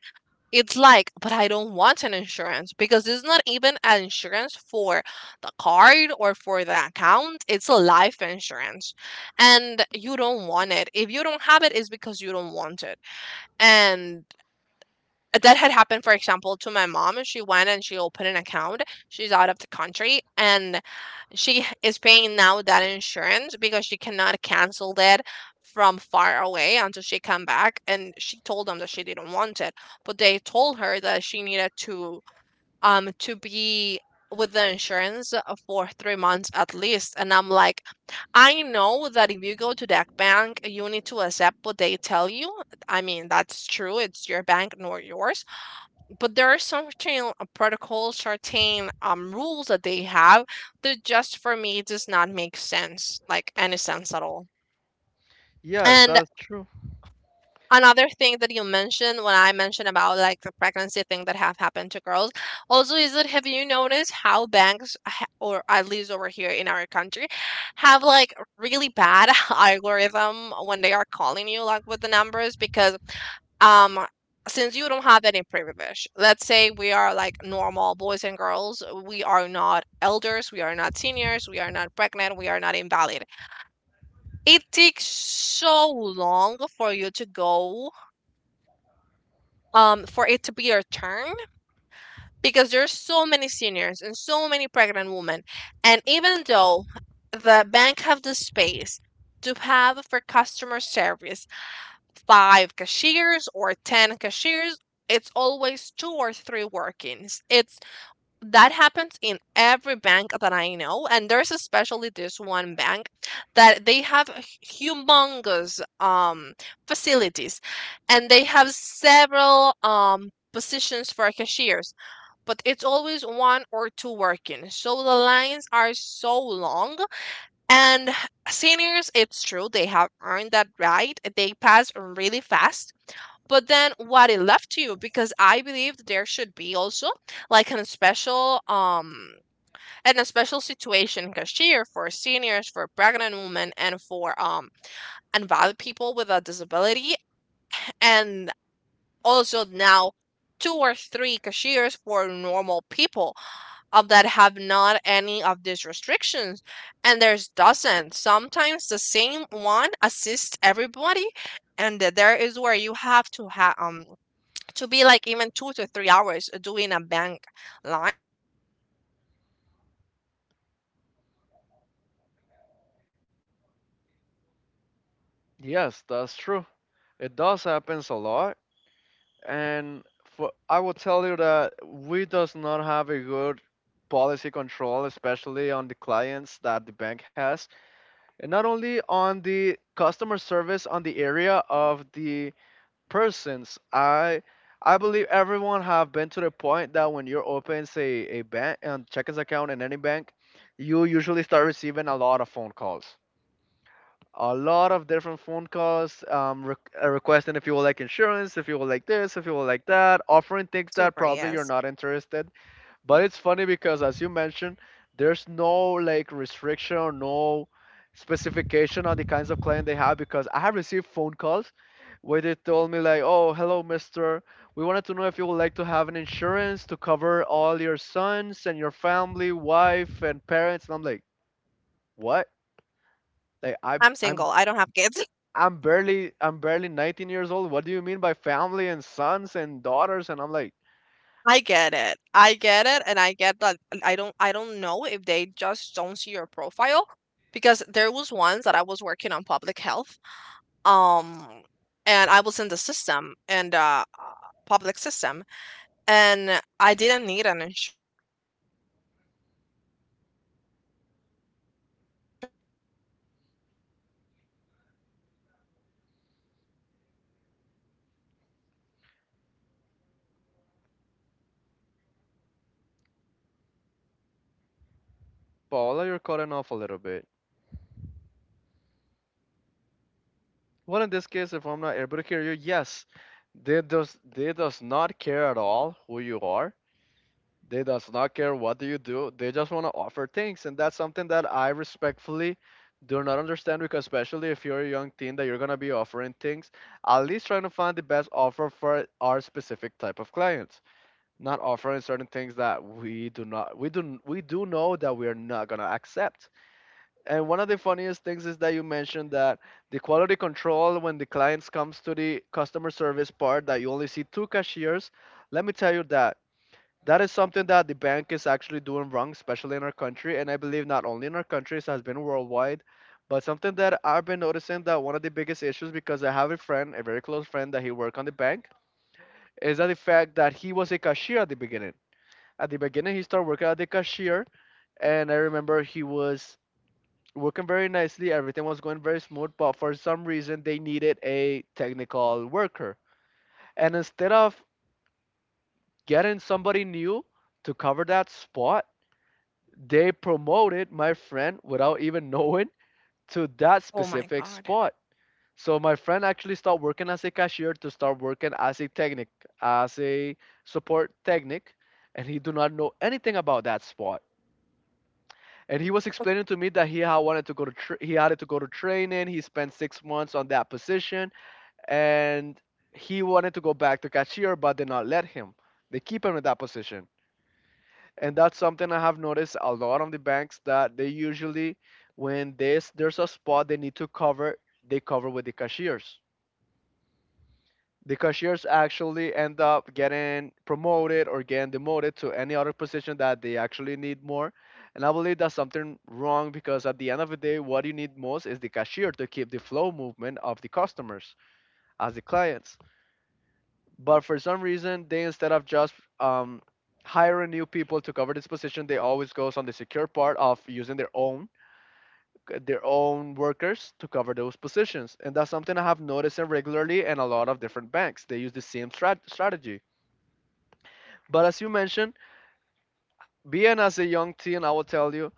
A: It's like, but I don't want an insurance, because it's not even an insurance for the card or for the account, it's a life insurance. And you don't want it. If you don't have it, it's because you don't want it. And that had happened, for example, to my mom. She went and she opened an account, she's out of the country, and she is paying now that insurance because she cannot cancel that from far away until she come back. And she told them that she didn't want it, but they told her that she needed to be with the insurance for 3 months at least. And I'm like, I know that if you go to that bank, you need to accept what they tell you. I mean, that's true. It's your bank, nor yours, but there are some certain protocols, certain rules that they have that just for me does not make sense, like any sense at all.
B: Yes,
A: And
B: that's true.
A: another thing that you mentioned when I mentioned about like the pregnancy thing that have happened to girls, also, is that, have you noticed how banks or at least over here in our country have like really bad algorithm when they are calling you, like, with the numbers? Because um since you don't have any privilege, let's say, we are like normal boys and girls, we are not elders, we are not seniors, we are not pregnant, we are not invalid, it takes so long for you to go for it to be your turn, because there's so many seniors and so many pregnant women. And even though the bank have the space to have for customer service five cashiers or ten cashiers, it's always two or three workings. It's that happens in every bank that I know, and there's especially this one bank that they have humongous facilities, and they have several positions for cashiers, but it's always one or two working. So the lines are so long, and seniors, it's true, they have earned that right. They pass really fast, but then what it left to you? Because I believe that there should be also like an special and a special situation cashier for seniors, for pregnant women, and for invalid people with a disability, and also now two or three cashiers for normal people that have not any of these restrictions. And there's dozens, sometimes the same one assists everybody, and there is where you have to be like even 2 to 3 hours doing a bank line.
B: Yes, that's true. It does happens a lot, and for I will tell you that we does not have a good policy control, especially on the clients that the bank has, and not only on the customer service on the area of the persons. I believe everyone have been to the point that when you open say a bank and checkings account in any bank, you usually start receiving a lot of phone calls. A lot of different phone calls requesting if you would like insurance, if you would like this, if you would like that, offering things that
A: Super,
B: probably you're
A: yes.
B: not interested. But it's funny because, as you mentioned, there's no like restriction or no specification on the kinds of client they have because I have received phone calls where they told me like, "Oh, hello, mister. We wanted to know if you would like to have an insurance to cover all your sons and your family, wife and parents." And I'm like, "What? Like,
A: I'm single. I don't have kids.
B: I'm barely 19 years old. What do you mean by family and sons and daughters?" And I'm like,
A: I get it. I get it, and I get that. I don't. I don't know if they just don't see your profile because there was once that I was working on public health, um, and I was in the system and public system, and I didn't need an insurance actually because I was basically seeing for free and I was like surrounded by doctors, dentists, nurses. So why would I be paying for an insurance? And I remember this bank called me and they offered me this super insurance and then I said, "No, I'm not interested." And they told me,
B: "Paula, you're
A: why
B: cutting
A: are
B: off a
A: you
B: little
A: not
B: bit."
A: interested?" And I was like, "Because I'm a dentist and I'm into the public
B: Well,
A: system.
B: in this
A: I
B: case, if I'm
A: know
B: not
A: for
B: able
A: sure
B: to
A: that
B: hear
A: I
B: you,
A: don't need it."
B: yes, they does
A: And
B: not care at
A: and
B: all who you
A: yeah,
B: are.
A: it
B: They
A: was, like,
B: does not
A: quite
B: care what do you
A: funny.
B: do. They just want to offer things, and that's something that I respectfully do not understand because especially if you're a young teen that you're gonna be offering things, at least trying to find the best offer for our specific type of clients, not offering certain things that we do know that we are not gonna accept. And one of the funniest things is that you mentioned that the quality control when the clients comes to the customer service part that you only see two cashiers. Let me tell you that that is something that the bank is actually doing wrong, especially in our country, and I believe not only in our country, it has been worldwide. But something that I've been noticing that one of the biggest issues because I have a friend, a very close friend that he worked on the bank, is that the fact that he was a cashier at the beginning. At the beginning, he started working at the cashier, and I remember he was working very nicely. Everything was going very smooth, but for some reason they needed a technical worker. And instead of getting somebody new to cover that spot, they promoted my friend without even knowing to that
A: Oh my
B: specific
A: god.
B: spot. So my friend actually stopped working as a cashier to start working as a technic, as a support technic, and he do not know anything about that spot and he was explaining to me that he had to go to training. He spent 6 months on that position, and he wanted to go back to cashier, but they not let him. They keep him in that position, and that's something I have noticed a lot on the banks that they usually, when there's a spot they need to cover, they cover with the cashiers. The cashiers actually end up getting promoted or getting demoted to any other position that they actually need more. And I believe that's something wrong because at the end of the day, what you need most is the cashier to keep the flow movement of the customers as the clients. But for some reason, they instead of just um, hiring new people to cover this position, they always goes on the secure part of using their own workers to cover those positions. And that's something I have noticed regularly in a lot of different banks. They use the same strategy. But as you mentioned, being as a young teen, I will tell you,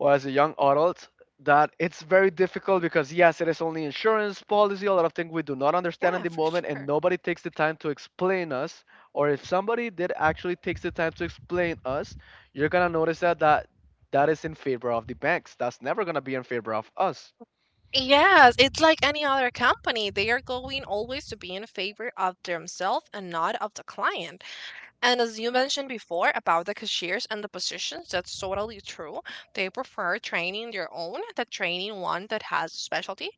B: or as a young adult that it's very difficult because yes it is only insurance policy a lot of things we do not understand in
A: Yeah,
B: the
A: for
B: moment and
A: sure.
B: nobody takes the time to explain us or if somebody did actually takes the time to explain us you're gonna notice that is in favor of the banks that's never gonna be in favor of us.
A: Yes, it's like any other company. They are going always to be in favor of themselves and not of the client. And as you mentioned before about the cashiers and the positions, that's totally true. They prefer training their own than training one that has a specialty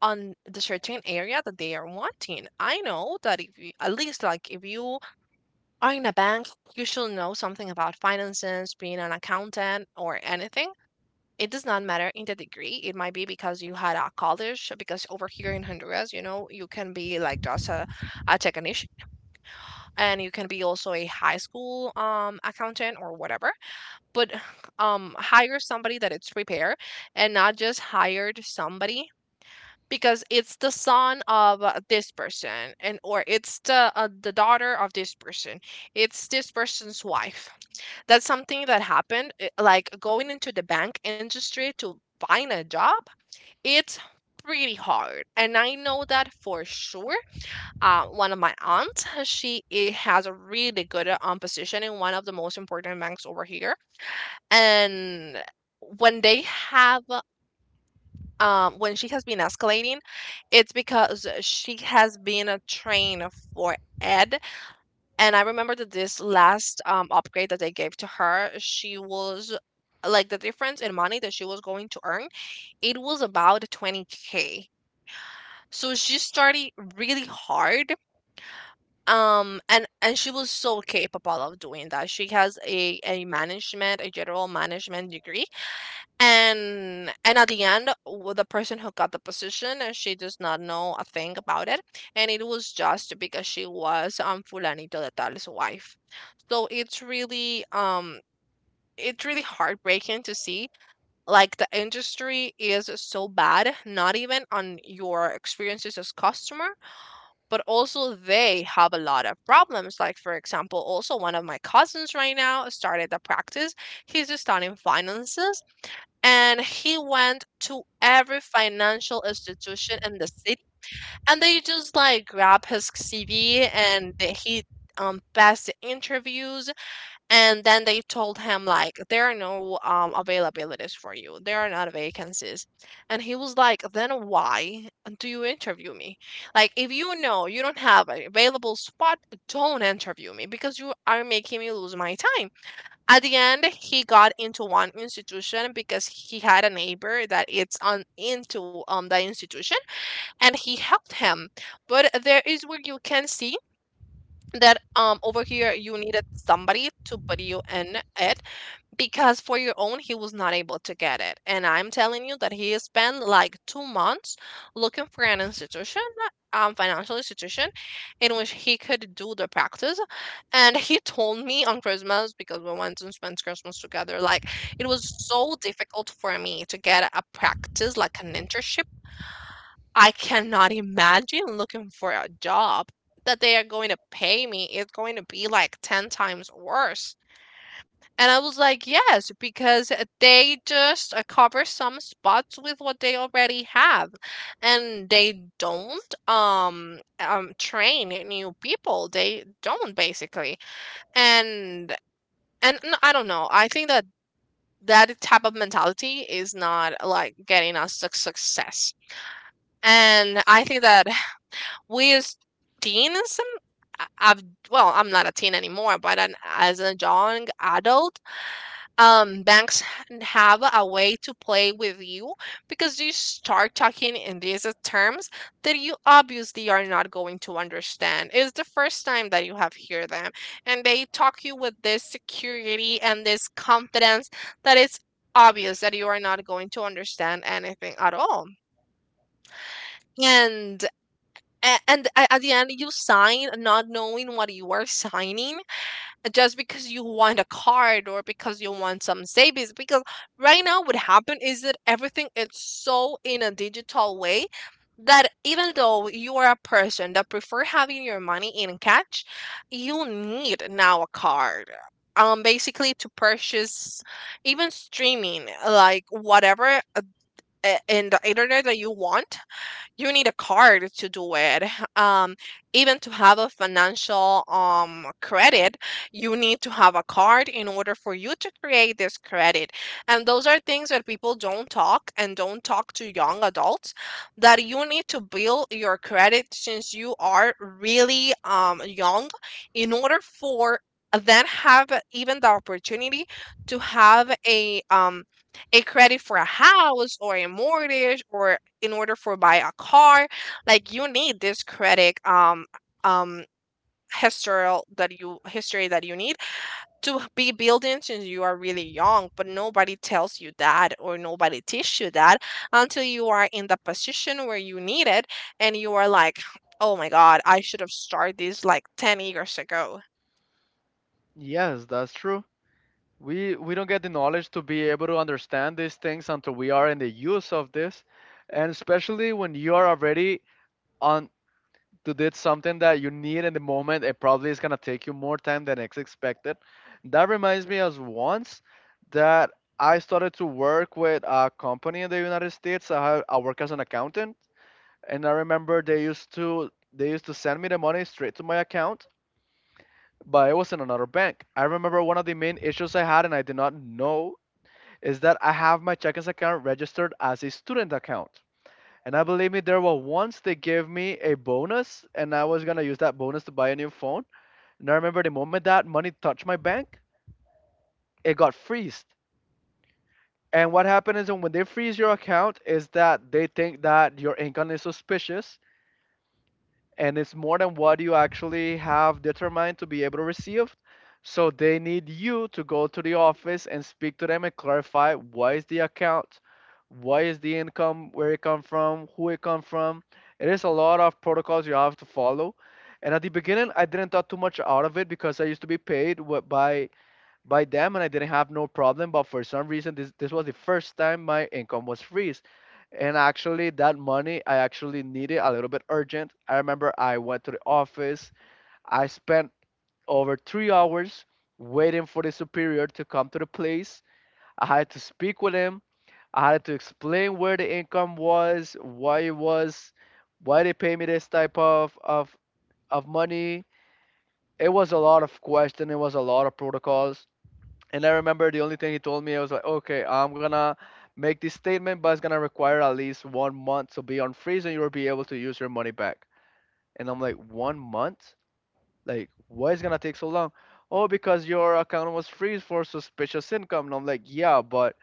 A: on the certain area that they are wanting. I know that if you, at least like if you are in a bank, you should know something about finances, being an accountant or anything. It does not matter in the degree. It might be because you had a college, because over here in Honduras, you know, you can be like just a technician and you can be also a high school accountant or whatever. But hire somebody that it's prepared and not just hired somebody because it's the son of this person and or it's the daughter of this person it's this person's wife that's something that happened like going into the bank industry to find a job it's pretty hard, and I know that for sure. One of my aunts, has a really good position in one of the most important banks over here, and when they have when she has been escalating, it's because she has been a train for Ed. And I remember that this last upgrade that they gave to her, she was like the difference in money that she was going to earn, it was about 20k. So she started really hard. And She was so capable of doing that. She has a management, a general management degree. And at the end, the person who got the position, she does not know a thing about it. And it was just because she was Fulanito de Tal's wife. So it's really heartbreaking to see like the industry is so bad, not even on your experiences as customer but also they have a lot of problems. Like, for example, also one of my cousins right now started a practice. He's studying finances and he went to every financial institution in the city and they just like grab his CV and he passed the interviews and then they told him like, "There are no, availabilities for you. There are not vacancies." And he was like, "Then why do you interview me? Like, if you know you don't have an available spot, don't interview me because you are making me lose my time." At the end, he got into one institution because he had a neighbor that it's on into the institution, and he helped him. But there is where you can see that over here you needed somebody to put you in it because for your own he was not able to get it, and I'm telling you that he spent like 2 months looking for an institution, financial institution, in which he could do the practice. And he told me on Christmas, because we went and spent Christmas together, like it was so difficult for me to get a practice like an internship. I cannot imagine looking for a job that they are going to pay me. It's going to be like 10 times worse. And I was like, yes, because they just cover some spots with what they already have, and they don't train new people. They don't basically, and I don't know. I think that that type of mentality is not like getting us success, and I think that we as teens. I- I've Well, I'm not a teen anymore, but as a young adult, banks have a way to play with you because you start talking in these terms that you obviously are not going to understand. It's the first time that you have hear them, and they talk you with this security and this confidence that it's obvious that you are not going to understand anything at all. And a- and a- at the end you sign not knowing what you are signing, just because you want a card or because you want some savings, because right now what happened is that everything is so in a digital way that even though you are a person that prefer having your money in cash, you need now a card, basically to purchase even streaming like whatever in the internet that you want, you need a card to do it. Um, Even to have a financial credit, you need to have a card in order for you to create this credit. And those are things that people don't talk and don't talk to young adults, that you need to build your credit since you are really young in order for then have even the opportunity to have a credit for a house or a mortgage or in order for buy a car. Like you need this credit um historical that you history that you need to be building since you are really young, but nobody tells you that or nobody teach you that until you are in the position where you need it, and you are like, oh my god, I should have started this like 10 years ago.
B: Yes, that's true. We don't get the knowledge to be able to understand these things until we are in the use of this, and especially when you are already on to do something that you need in the moment it probably is going to take you more time than it's expected. That reminds me as once that I started to work with a company in the United States. I work as an accountant, and I remember they used to send me the money straight to my account, but it was in another bank. I remember one of the main issues I had and I did not know is that I have my checkings account registered as a student account. And I believe me, there were once they gave me a bonus, and I was gonna use that bonus to buy a new phone. And I remember the moment that money touched my bank, it got freezed. And what happened is when they freeze your account, is that they think that your income is suspicious, and it's more than what you actually have determined to be able to receive. So they need you to go to the office and speak to them and clarify what is the account, what is the income, where it come from, who it come from. It is a lot of protocols you have to follow. And at the beginning, I didn't thought too much out of it because I used to be paid by them and I didn't have no problem. But for some reason, this was the first time my income was freeze. And actually, that money I actually needed a little bit urgent. I remember I went to the office. I spent over 3 hours waiting for the superior to come to the place. I had to speak with him. I had to explain where the income was, why it was, why they pay me this type of money. It was a lot of question. It was a lot of protocols and I remember the only thing he told me, I was like, okay, I'm gonna make this statement, but it's gonna require at least 1 month to be on freeze and you'll be able to use your money back. And I'm like, 1 month? Like, why is it gonna take so long? Oh, because your account was freeze for suspicious income. And I'm like, yeah, but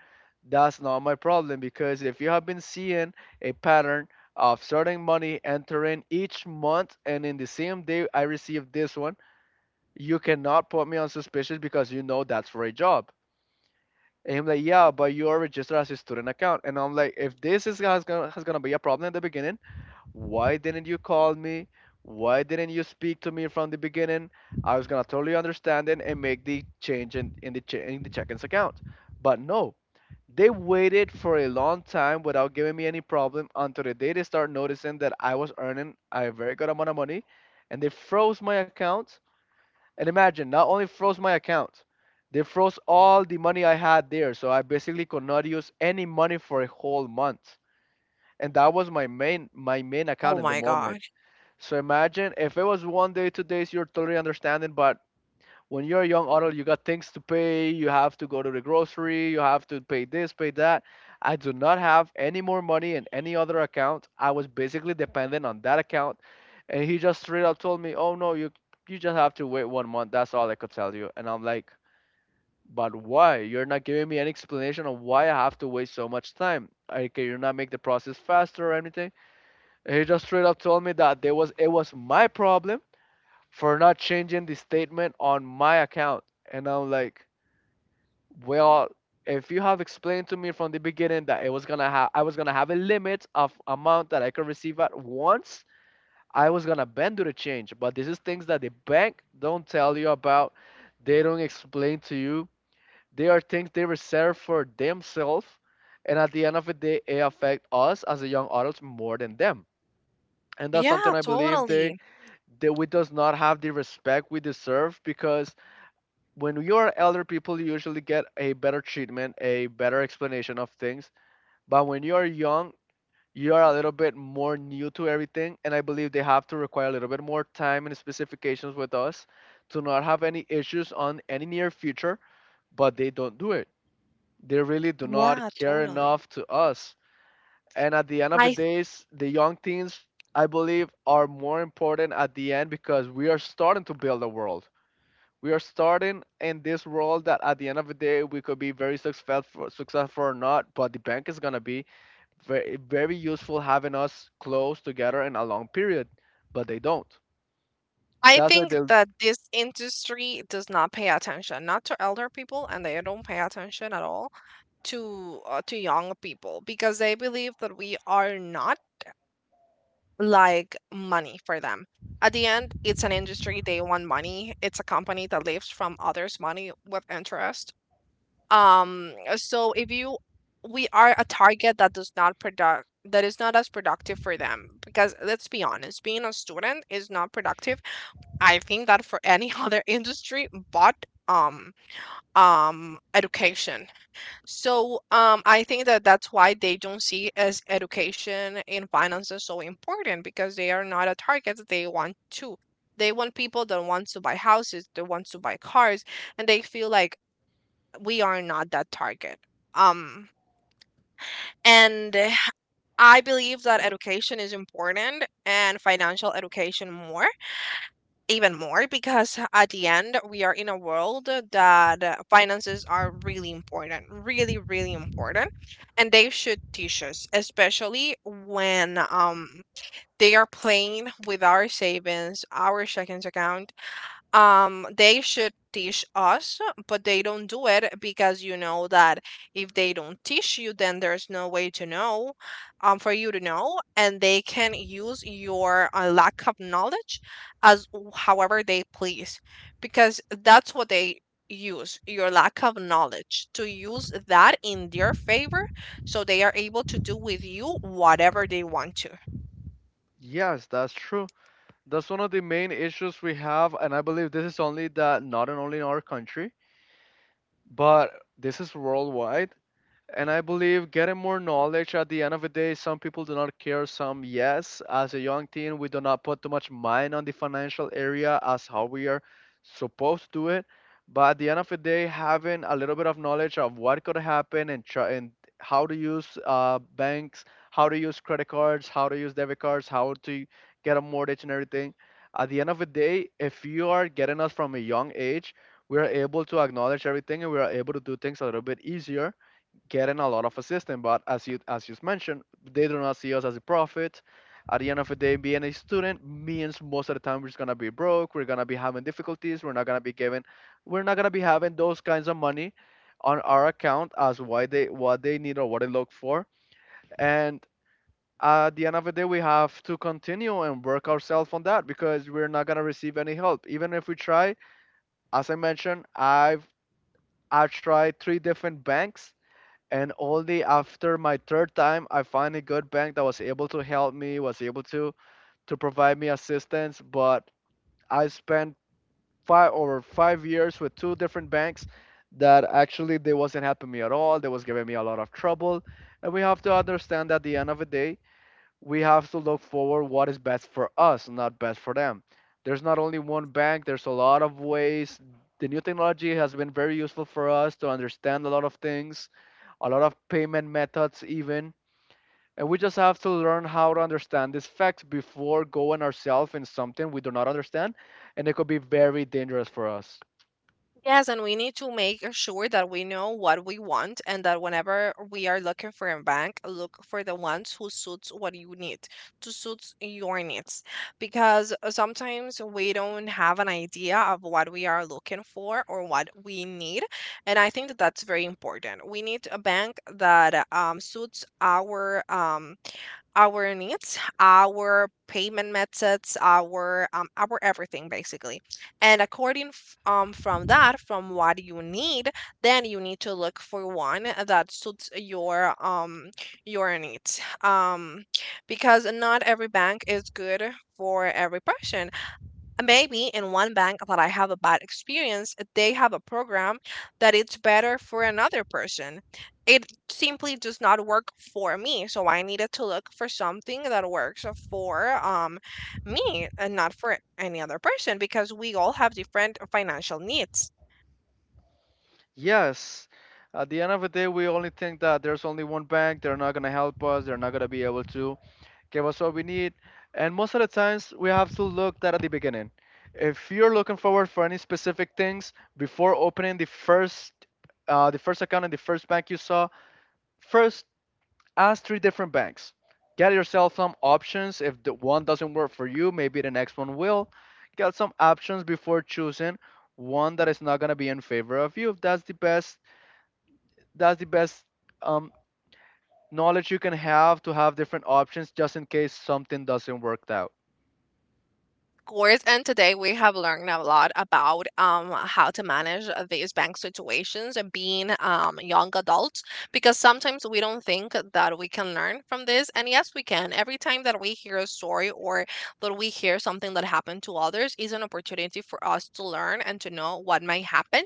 B: that's not my problem because if you have been seeing a pattern of certain money entering each month and in the same day I received this one, you cannot put me on suspicious because you know that's for a job. And I'm like, yeah, but you are registered as a student account. And I'm like, if this is has gonna be a problem at the beginning, why didn't you call me? Why didn't you speak to me from the beginning? I was gonna totally understand it and make the change in the in the check-ins account. But no, they waited for a long time without giving me any problem until the day they start noticing that I was earning a very good amount of money, and they froze my account and imagine, not only froze my account, they froze all the money I had there. So I basically could not use any money for a whole month. And that was my main account
A: Oh
B: in the
A: my
B: moment.
A: god.
B: So imagine if it was 1 day, 2 days, you're totally understanding, but when you're a young adult, you got things to pay. You have to go to the grocery. You have to pay this, pay that. I do not have any more money in any other account. I was basically dependent on that account, and he just straight up told me, "Oh no, you just have to wait 1 month. That's all I could tell you." And I'm like, "But why? You're not giving me any explanation of why I have to wait so much time. Like, can you not make the process faster or anything?" And he just straight up told me that there was it was my problem for not changing the statement on my account. And I'm like, well, if you have explained to me from the beginning that it was gonna have, I was gonna have a limit of amount that I could receive at once, I was gonna bend to the change. But this is things that the bank don't tell you about. They don't explain to you. They are things they reserve for themselves. And at the end of the day, it affect us as a young adults more than them. And that's something
A: Yeah,
B: I believe they
A: totally.
B: that we does not have the respect we deserve, because when you are elder people, you usually get a better treatment, a better explanation of things. But when you are young, you are a little bit more new to everything, and I believe they have to require a little bit more time and specifications with us to not have any issues on any near future. But they don't do it. They really do not
A: Yeah,
B: care
A: totally.
B: enough to us. And at the end of the
A: I
B: days, the young teens, I believe, are more important at the end, because we are starting to build a world. We are starting in this world that at the end of the day we could be very successful or not. But the bank is going to be very, very useful having us close together in a long period. But they don't.
A: I
B: That's why
A: think
B: they...
A: that this industry does not pay attention, not to elder people, and they don't pay attention at all to young people because they believe that we are not like money for them. At the end, it's an industry. They want money. It's a company that lives from others' money with interest. So if you, we are a target that does not product that is not as productive for them, because let's be honest, being a student is not productive I think that for any other industry, but um education. So I think that that's why they don't see as education in finance is so important, because they are not a target. They want to. They want people that want to buy houses, that want to buy cars, and they feel like we are not that target. Um and eh, I believe that education is important, and financial education more. Even more, because at the end, we are in a world that finances are really important, really, really important, and they should teach us, especially when they are playing with our savings, our checking account, they should teach us, but they don't do it because you know that if they don't teach you, then there's no way to know, for you to know, and they can use your lack of knowledge as however they please, because that's what they use your lack of knowledge to use that in their favor, so they are able to do with you whatever they want to.
B: Yes, that's true. That's one of the main issues we have, and I believe this is only that not in only in our country, but this is worldwide. And I believe getting more knowledge at the end of the day, some people do not care, some yes. As a young teen, we do not put too much mind on the financial area as how we are supposed to do it. But at the end of the day, having a little bit of knowledge of what could happen and how to use banks, how to use credit cards, how to use debit cards, how to get a mortgage and everything. At the end of the day, if you are getting us from a young age, we are able to acknowledge everything, and we are able to do things a little bit easier, getting a lot of assistance. But as you mentioned, they do not see us as a profit. At the end of the day, being a student means most of the time we're just gonna be broke. We're gonna be having difficulties. We're not gonna be given, we're not gonna be having those kinds of money on our account as why they what they need or what they look for. And at the end of the day, we have to continue and work ourselves on that, because we're not gonna receive any help, even if we try. As I mentioned, I tried three different banks, and only after my third time, I find a good bank that was able to help me, was able to provide me assistance. But I spent 5 over 5 years with two different banks that actually they wasn't helping me at all. They was giving me a lot of trouble. And we have to understand that at the end of the day, we have to look forward what is best for us, not best for them. There's not only one bank, there's a lot of ways. The new technology has been very useful for us to understand a lot of things, a lot of payment methods even. And we just have to learn how to understand these facts before going ourselves in something we do not understand, and it could be very dangerous for us.
A: Yes, and we need to make sure that we know what we want, and that whenever we are looking for a bank, look for the ones who suits what you need, to suits your needs. Because sometimes we don't have an idea of what we are looking for or what we need, and I think that that's very important. We need a bank that suits our needs, our payment methods, our everything basically. And according from that, from what you need, then you need to look for one that suits your needs. Because not every bank is good for every person. Maybe in one bank that I have a bad experience, they have a program that it's better for another person. It simply does not work for me, so I needed to look for something that works for me and not for any other person, because we all have different financial needs.
B: Yes, at the end of the day, we only think that there's only one bank, they're not going to help us, they're not going to be able to give us what we need. And most of the times, we have to look that at the beginning. If you're looking forward for any specific things before opening the first account in the first bank you saw, first ask three different banks. Get yourself some options. If the one doesn't work for you, maybe the next one will. Get some options before choosing one that is not gonna be in favor of you. That's the best. That's the best um, knowledge you can have, to have different options just in case something doesn't work out.
A: Course. And today we have learned a lot about how to manage these bank situations and being young adults, because sometimes we don't think that we can learn from this. And yes, we can. Every time that we hear a story or that we hear something that happened to others is an opportunity for us to learn and to know what might happen.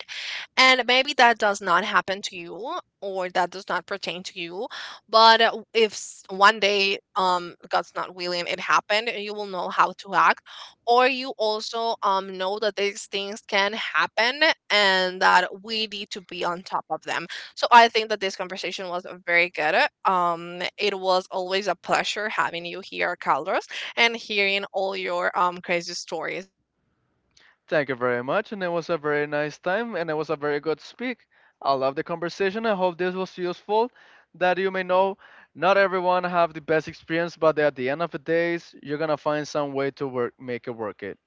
A: And maybe that does not happen to you or that does not pertain to you. But if one day, God's not willing, it happened, you will know how to act. Or you also know that these things can happen and that we need to be on top of them. So I think that this conversation was very good. It was always a pleasure having you here, Carlos, and hearing all your crazy stories.
B: Thank you very much, and it was a very nice time, and it was a very good speak. I love the conversation. I hope this was useful. That you may know, not everyone have the best experience, but at the end of the days, you're gonna find some way to work, make it work it.